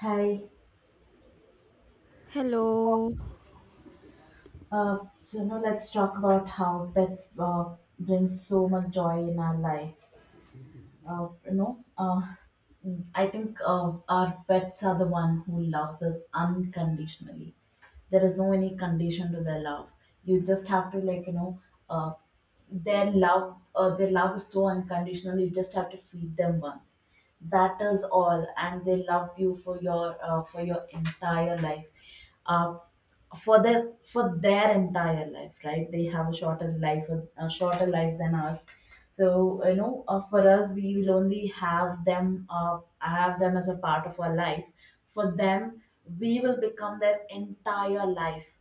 Hi. Hello. So now let's talk about how pets bring so much joy in our life. Uh, you know, uh, I think our pets are the one who loves us unconditionally. There is no any condition to their love. You just have to like uh, their love. Their love is so unconditional. You just have to feed them once. That is all, and they love you for your entire life. Uh, for their entire life, right? They have a shorter life than us. So for us, we will only have them as a part of our life. For them, we will become their entire life,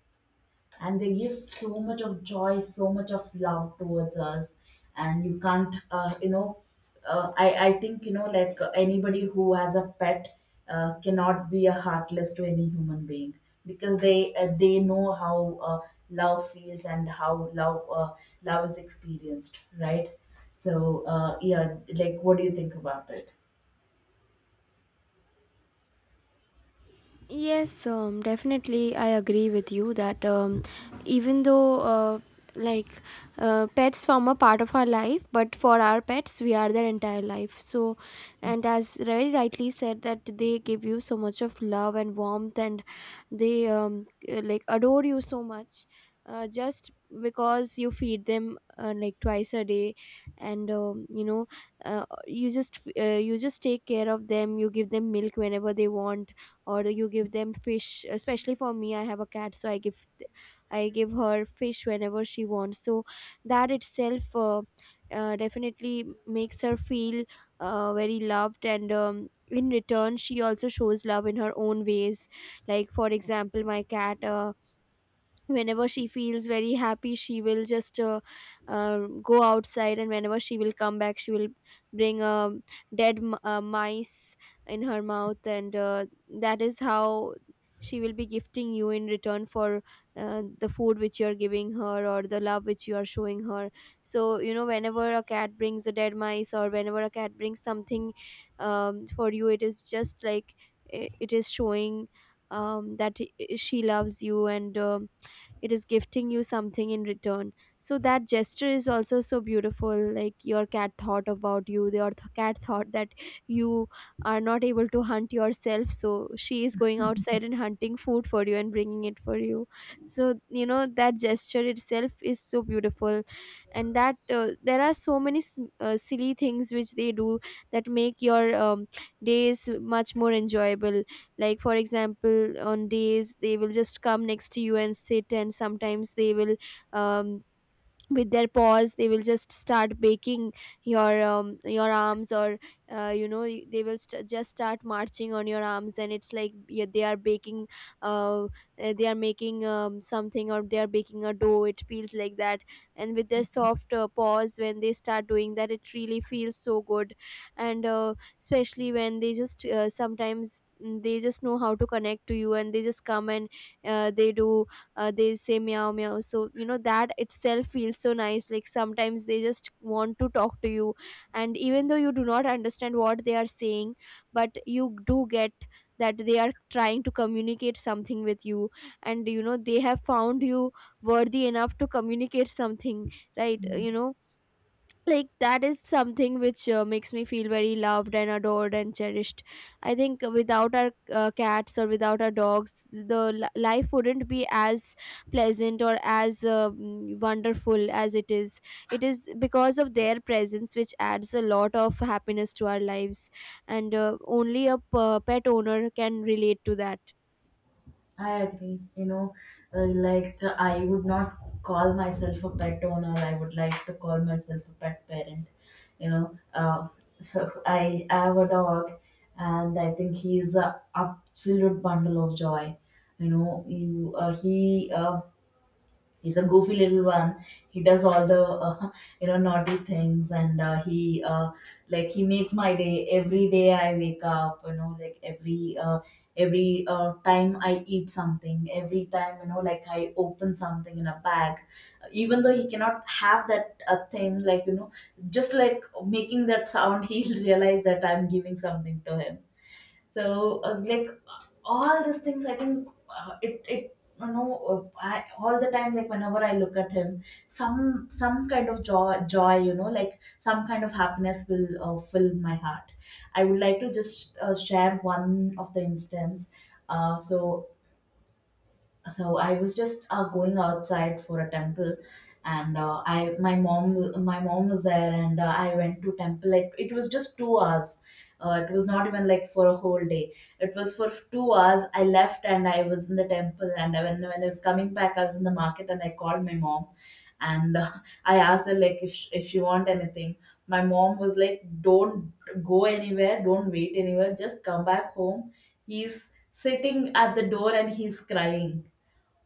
and they give so much of joy, so much of love, towards us. And you can't you know I think like anybody who has a pet cannot be a heartless to any human being because they know how love feels and how love is experienced, right? So, yeah, like what do you think about it? Yes, definitely. I agree with you that even though like pets form a part of our life, but for our pets, we are their entire life. So, and as very rightly said, that they give you so much of love and warmth, and they like adore you so much. Just because you feed them like twice a day, and you just take care of them. You give them milk whenever they want, or you give them fish. Especially for me, I have a cat, so I give her fish whenever she wants. So that itself definitely makes her feel very loved, and in return she also shows love in her own ways. Like, for example, my cat, whenever she feels very happy, she will just go outside. And whenever she will come back, she will bring a dead mice in her mouth. And that is how she will be gifting you in return for the food which you are giving her, or the love which you are showing her. So whenever a cat brings a dead mice, or whenever a cat brings something, for you it is just like, it is showing, that she loves you, and it is gifting you something in return. So that gesture is also so beautiful. Like, your cat thought about you, your cat thought that you are not able to hunt yourself, so she is going outside and hunting food for you, and bringing it for you. So that gesture itself is so beautiful. And that, there are so many silly things which they do that make your days much more enjoyable. Like, for example, on days they will just come next to you and sit, and sometimes they will, um, with their paws they will just start baking your arms. Or they will just start marching on your arms, and it's like, yeah, they are baking. They are making something, or they are baking a dough. It feels like that. And with their soft paws, when they start doing that, it really feels so good. And especially when they just, sometimes, they just know how to connect to you, and they just come and, they do, they say meow meow. So that itself feels so nice. Like, sometimes they just want to talk to you, and even though you do not understand what they are saying, but you do get that they are trying to communicate something with you, and you know they have found you worthy enough to communicate something, right? You know, like, that is something which makes me feel very loved and adored and cherished. I think without our cats, or without our dogs, the life wouldn't be as pleasant or as wonderful as it is. It is because of their presence, which adds a lot of happiness to our lives. And only a pet owner can relate to that. I agree. Like I would not call myself a pet owner. I would like to call myself a pet parent. You know, So I have a dog, and I think he is a absolute bundle of joy. You know, you he he's a goofy little one. He does all the uh, naughty things, and he like he makes my day every day. I wake up, like every time I eat something, every time like I open something in a bag. Even though he cannot have that thing, like, just like making that sound, he'll realize that I'm giving something to him. So like all these things, I think it it you know I, all the time, like whenever I look at him, some kind of joy, like some kind of happiness will fill my heart. I would like to just share one of the instance. Uh, so so I was just going outside for a temple, and I my mom was there. And I went to temple. It was just 2 hours. It was not even like for a whole day. It was for 2 hours. I left and I was in the temple, and when I was coming back I was in the market, and I called my mom. And I asked her, like, if she want anything. My mom was like, don't go anywhere, don't wait anywhere, just come back home. He's sitting at the door and he's crying.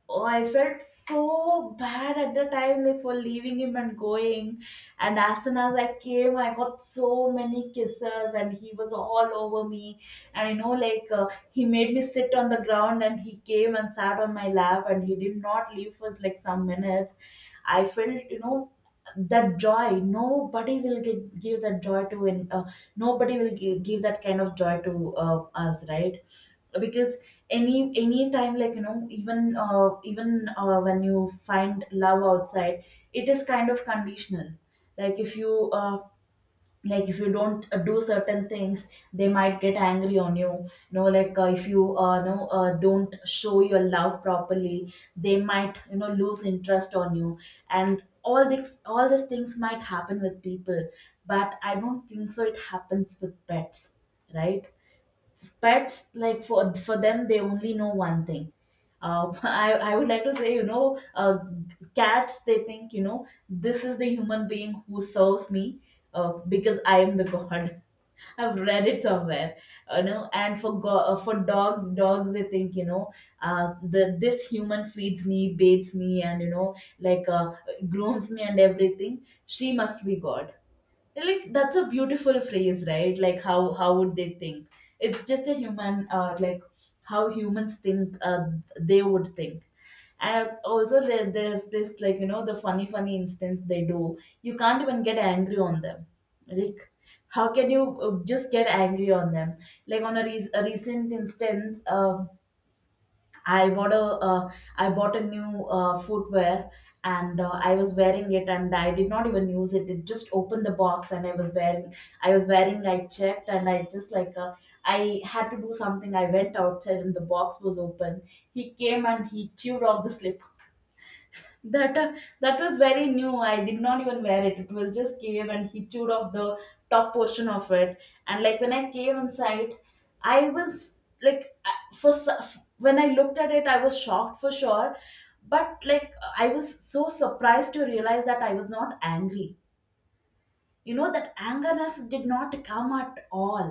Oh, I felt so bad at the time, like for leaving him and going. And as soon as I came, I got so many kisses, and he was all over me. And he made me sit on the ground, and he came and sat on my lap, and he did not leave for like some minutes. I felt, that joy. Nobody will give that joy to, and nobody will give that kind of joy to us, right? Because any time, like even when you find love outside, it is kind of conditional. Like if you like if you don't do certain things, they might get angry on you. You know Like, if you know don't show your love properly, they might lose interest on you. And all these things might happen with people, but I don't think so it happens with pets, right? Pets, like, for them, they only know one thing. I would like to say, cats, they think, this is the human being who serves me, because I am the God. I've read it somewhere. And for dogs, they think, the this human feeds me, bathes me, and grooms me and everything. She must be God. Like that's a beautiful phrase, right? Like how would they think? It's just a human, like how humans think, they would think. And also there's this, like the funny instance they do, you can't even get angry on them. Like how can you just get angry on them? Like on a recent instance, I bought a uh, I bought a new footwear. And I was wearing it and I did not even use it. It just opened the box and I was wearing. I checked and I just like, I had to do something. I went outside and the box was open. He came and he chewed off the slip that uh, that was very new. I did not even wear it. It was just came and he chewed off the top portion of it. And like when I came inside, I was like I- for s- when I looked at it I was shocked for sure. But like I was so surprised to realize that I was not angry. You know, that angerness did not come at all.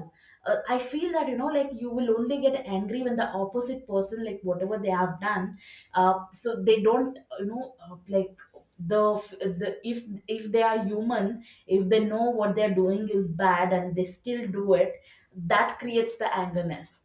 I feel that, like, you will only get angry when the opposite person, like whatever they have done, so they don't you know like the, the if they are human, if they know what they're doing is bad and they still do it, that creates the angerness.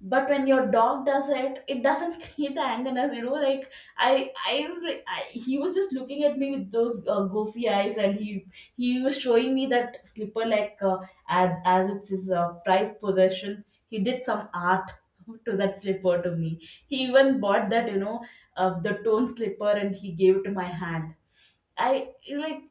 But when your dog does it doesn't create the angerness, like, I was like I, he was just looking at me with those goofy eyes, and he was showing me that slipper, like, as it's his prized possession. He did some art to that slipper, to me. He even bought that, the tone slipper, and he gave it to my hand. I like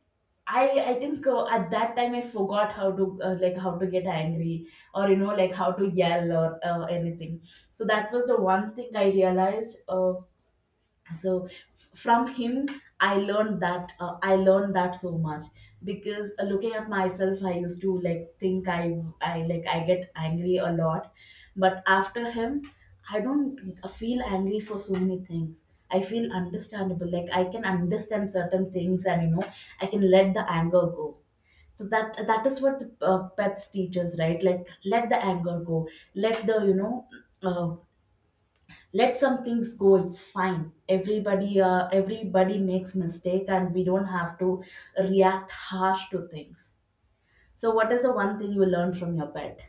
I think at that time I forgot how to, like how to get angry, or like how to yell, or anything. So that was the one thing I realized. From him, I learned that so much. Because looking at myself, I used to like think, I get angry a lot. But after him, I don't feel angry for so many things. I feel understandable, like I can understand certain things, and I can let the anger go. So that is what the pets teaches, right? Like, let the anger go, let the uh, let some things go. It's fine. Everybody makes mistake and we don't have to react harsh to things. So what is the one thing you learned from your pet?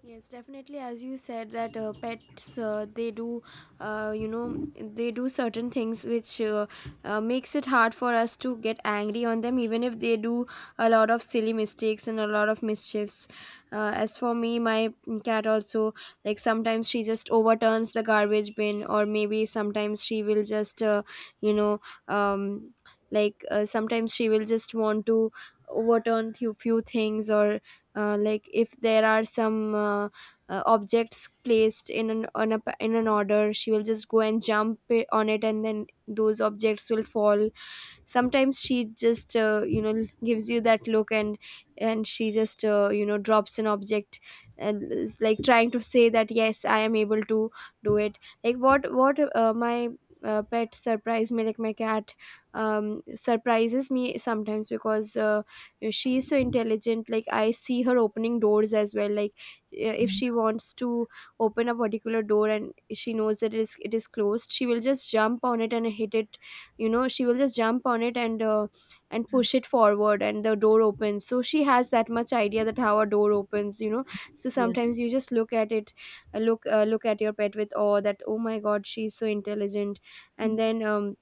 Yes, definitely. As you said, that pets, they do, uh, you know, they do certain things which, makes it hard for us to get angry on them, even if they do a lot of silly mistakes and a lot of mischiefs. As for me, my cat also, like, sometimes she just overturns the garbage bin, or maybe sometimes she will just, you know, um, like, sometimes she will just want to overturn few things, or like, if there are some objects placed in, an on a, pa- in an order, she will just go and jump it, on it, and then those objects will fall. Sometimes she just, gives you that look, and she just, drops an object, and is like trying to say that, yes, I am able to do it. Like, what my pet surprise me, like my cat surprises me sometimes because, she is so intelligent. Like, I see her opening doors as well. Like, if she wants to open a particular door, and she knows that it is closed, she will just jump on it and hit it. You know, she will just jump on it, and push it forward, and the door opens. So she has that much idea that how a door opens, you know. So Yeah. sometimes you just look at it, look at your pet with awe, that oh my god, she's so intelligent. And then,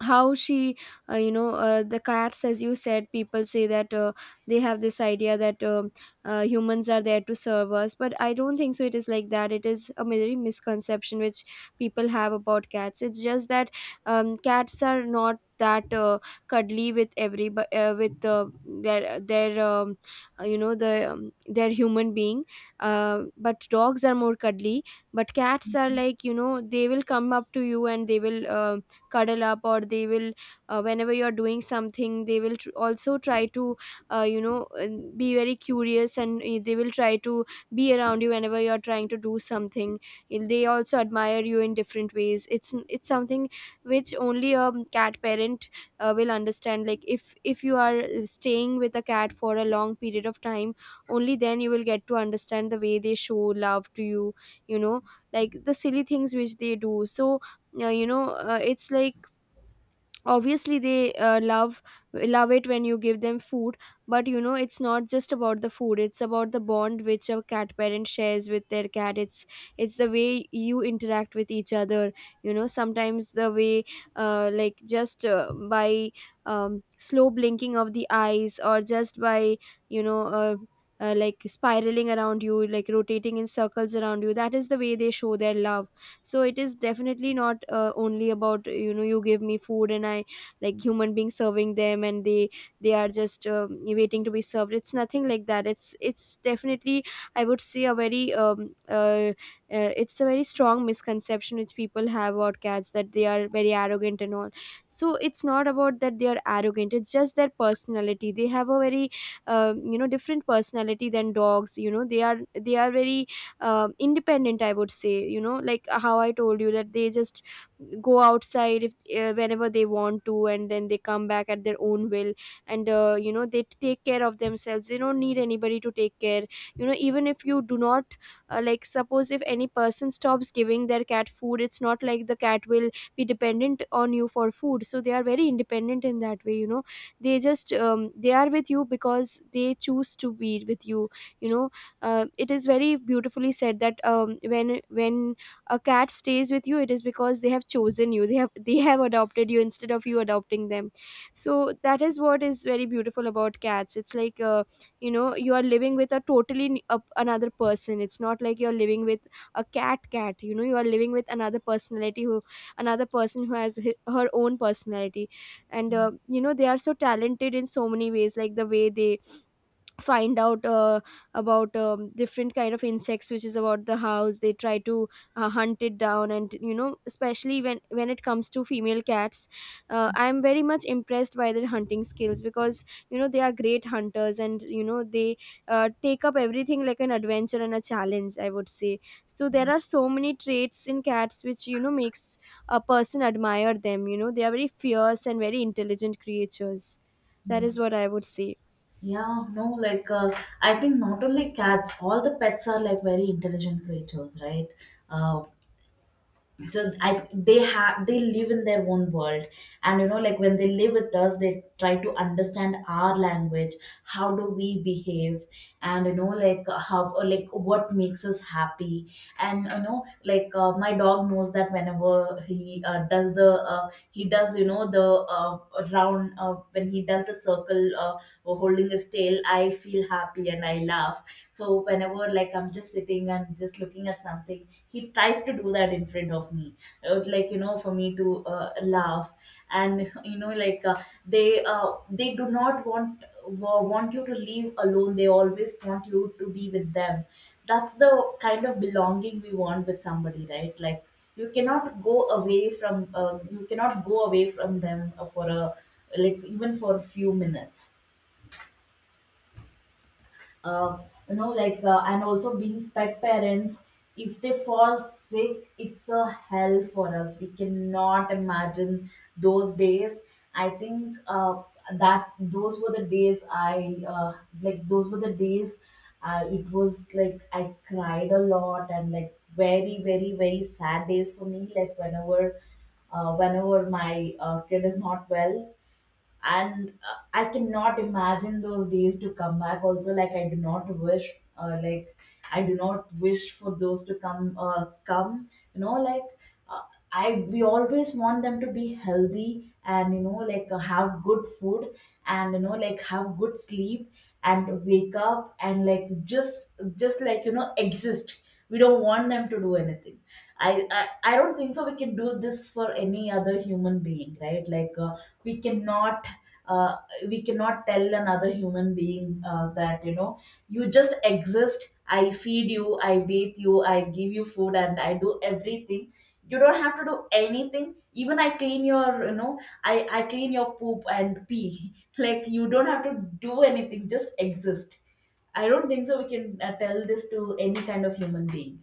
how she, the cats, as you said, people say that they have this idea that, humans are there to serve us. But I don't think so it is like that. It is a very misconception which people have about cats. It's just that, cats are not that cuddly with every, with their their human being. But dogs are more cuddly. But cats are, like, you know, they will come up to you, and they will, cuddle up. Or they will, whenever you are doing something, they will also try to, uh, you know uh, be very curious. And they will try to be around you whenever you are trying to do something. And they also admire you in different ways. It's something which only a cat parent will understand. Like, if you are staying with a cat for a long period of time, only then you will get to understand the way they show love to you. You know, like, the silly things which they do. So it's like, obviously they love it when you give them food. But you know, it's not just about the food. It's about the bond which a cat parent shares with their cat. It's the way you interact with each other. You know, sometimes the way, like, just, by, slow blinking of the eyes, or just by, you know uh, like, spiraling around you, like rotating in circles around you, that is the way they show their love. So it is definitely not only about, you know, you give me food and I, like, human being serving them, and they are just, waiting to be served. It's nothing like that. It's definitely, I would say, a very, it's a very strong misconception which people have about cats, that they are very arrogant and all. So it's not about that they are arrogant. It's just their personality. They have a very, different personality than dogs. You know, they are very, independent, I would say. You know, like, how I told you that they just go outside, if whenever they want to, and then they come back at their own will. And you know, they take care of themselves. They don't need anybody to take care. You know, even if you do not, like, suppose if any person stops giving their cat food, it's not like the cat will be dependent on you for food. So they are very independent in that way, you know. They are with you because they choose to be with you, you know. It is very beautifully said that, when a cat stays with you, it is because they have chosen you. They have They have adopted you instead of you adopting them. So that is what is very beautiful about cats. It's like, you are living with a totally another person. It's not like you're living with a cat, you know. You are living with another personality who, another person who has hi her own personality. And they are so talented in so many ways. Like, the way they find out, about different kind of insects which is about the house, they try to hunt it down. And you know, especially when it comes to female cats, I am very much impressed by their hunting skills, because you know, they are great hunters. And you know they, take up everything like an adventure and a challenge, I would say. So there are so many traits in cats which, you know, makes a person admire them. You know, they are very fierce and very intelligent creatures. That Yeah, is what I would say. yeah, no, like, I think not only cats, all the pets are like very intelligent creatures, right? Uh, so I they have they live in their own world, and like when they live with us, they try to understand our language, how do we behave, and like how, or like what makes us happy. And like my dog knows that whenever he does the uh, round, when he does the circle, holding his tail I feel happy and I laugh. So whenever like I'm just sitting and just looking at something, he tries to do that in front of me, like, for me to laugh. And they do not want you to leave alone. They always want you to be with them. That's the kind of belonging we want with somebody, right? Like you cannot go away from them, for a, like, even for a few minutes. uh, and also being pet parents, if they fall sick it's a hell for us. We cannot imagine those days. I think that those were the days, I like those were the days. It was like I cried a lot, and like very, very, very sad days for me, like whenever whenever my kid is not well, and I cannot imagine those days to come back. Also, like, I do not wish, like, I do not wish for those to come. You know like uh, I we always want them to be healthy, and have good food, and like have good sleep, and wake up, and like just like, exist. We don't want them to do anything. I i, I don't think so we can do this for any other human being, right? Like, we cannot uh, we cannot tell another human being that, you just exist, I feed you, I bathe you, I give you food, and I do everything. You don't have to do anything. Even I clean your, I clean your poop and pee, like you don't have to do anything, just exist. I don't think so. We can tell this to any kind of human being.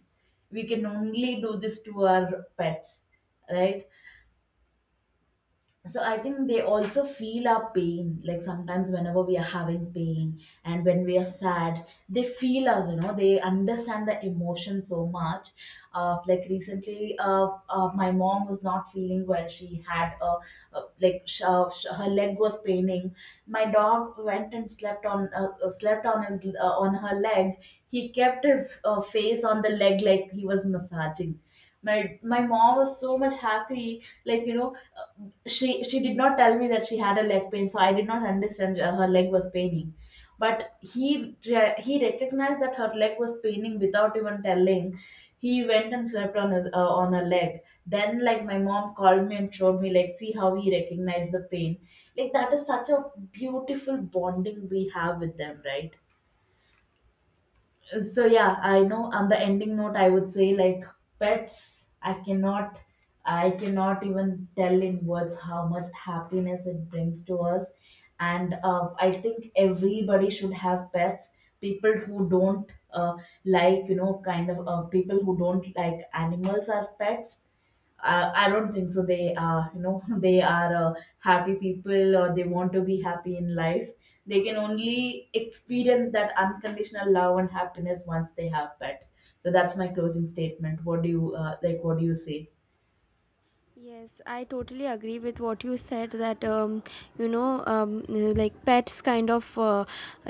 We can only do this to our pets, right? So I think they also feel our pain. Like sometimes whenever we are having pain and when we are sad, they feel us, they understand the emotion so much. Like recently, my mom was not feeling well. She had a like sh- sh- Her leg was paining. My dog went and slept on her leg. He kept his face on the leg like he was massaging. My mom was so much happy, like, uh, she did not tell me that she had a leg pain, so I did not understand her leg was paining. But he recognized that her leg was paining without even telling. He went and slept on her leg. Then like my mom called me and showed me, like, see how he recognized the pain. Like that is such a beautiful bonding we have with them, right? So yeah, I know, on the ending note I would say, like, pets, I cannot even tell in words how much happiness it brings to us. And I think everybody should have pets. People who don't, like, kind of, people who don't like animals as pets, I don't think so. They are, they are happy people or they want to be happy in life. They can only experience that unconditional love and happiness once they have pet. So that's my closing statement. What do you like? What do you say? Yes, I totally agree with what you said that, like, pets kind of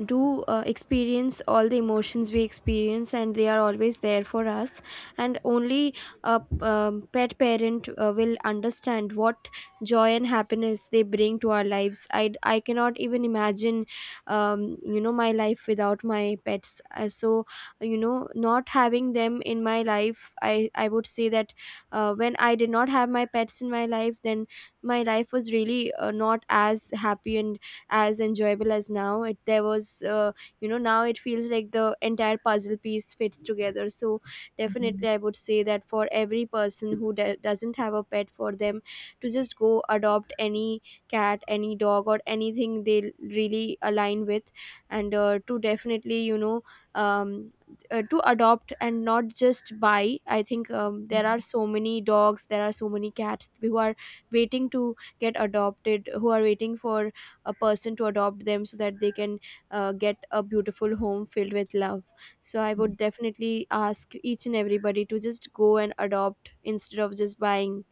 do experience all the emotions we experience, and they are always there for us. And only a, pet parent will understand what joy and happiness they bring to our lives. I cannot even imagine, my life without my pets. So you know, not having them in my life, I would say that when I did not have my pets in my life, then my life was really not as happy and as enjoyable as now. It there was, now it feels like the entire puzzle piece fits together. So Mhm. definitely I would say that, for every person who doesn't have a pet, for them to just go adopt any cat, any dog, or anything they really align with. And to definitely, um, to adopt and not just buy. I think, there Yeah. are so many dogs, there are so many cats who are waiting to get adopted, who are waiting for a person to adopt them, so that they can get a beautiful home filled with love. So I Mm. would definitely ask each and everybody to just go and adopt instead of just buying.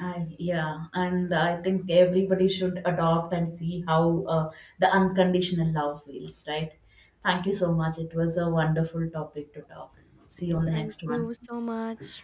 Yeah, and I think everybody should adopt and see how the unconditional love feels, right? Thank you so much. It was a wonderful topic to talk. See you on the Thank next one. you so much.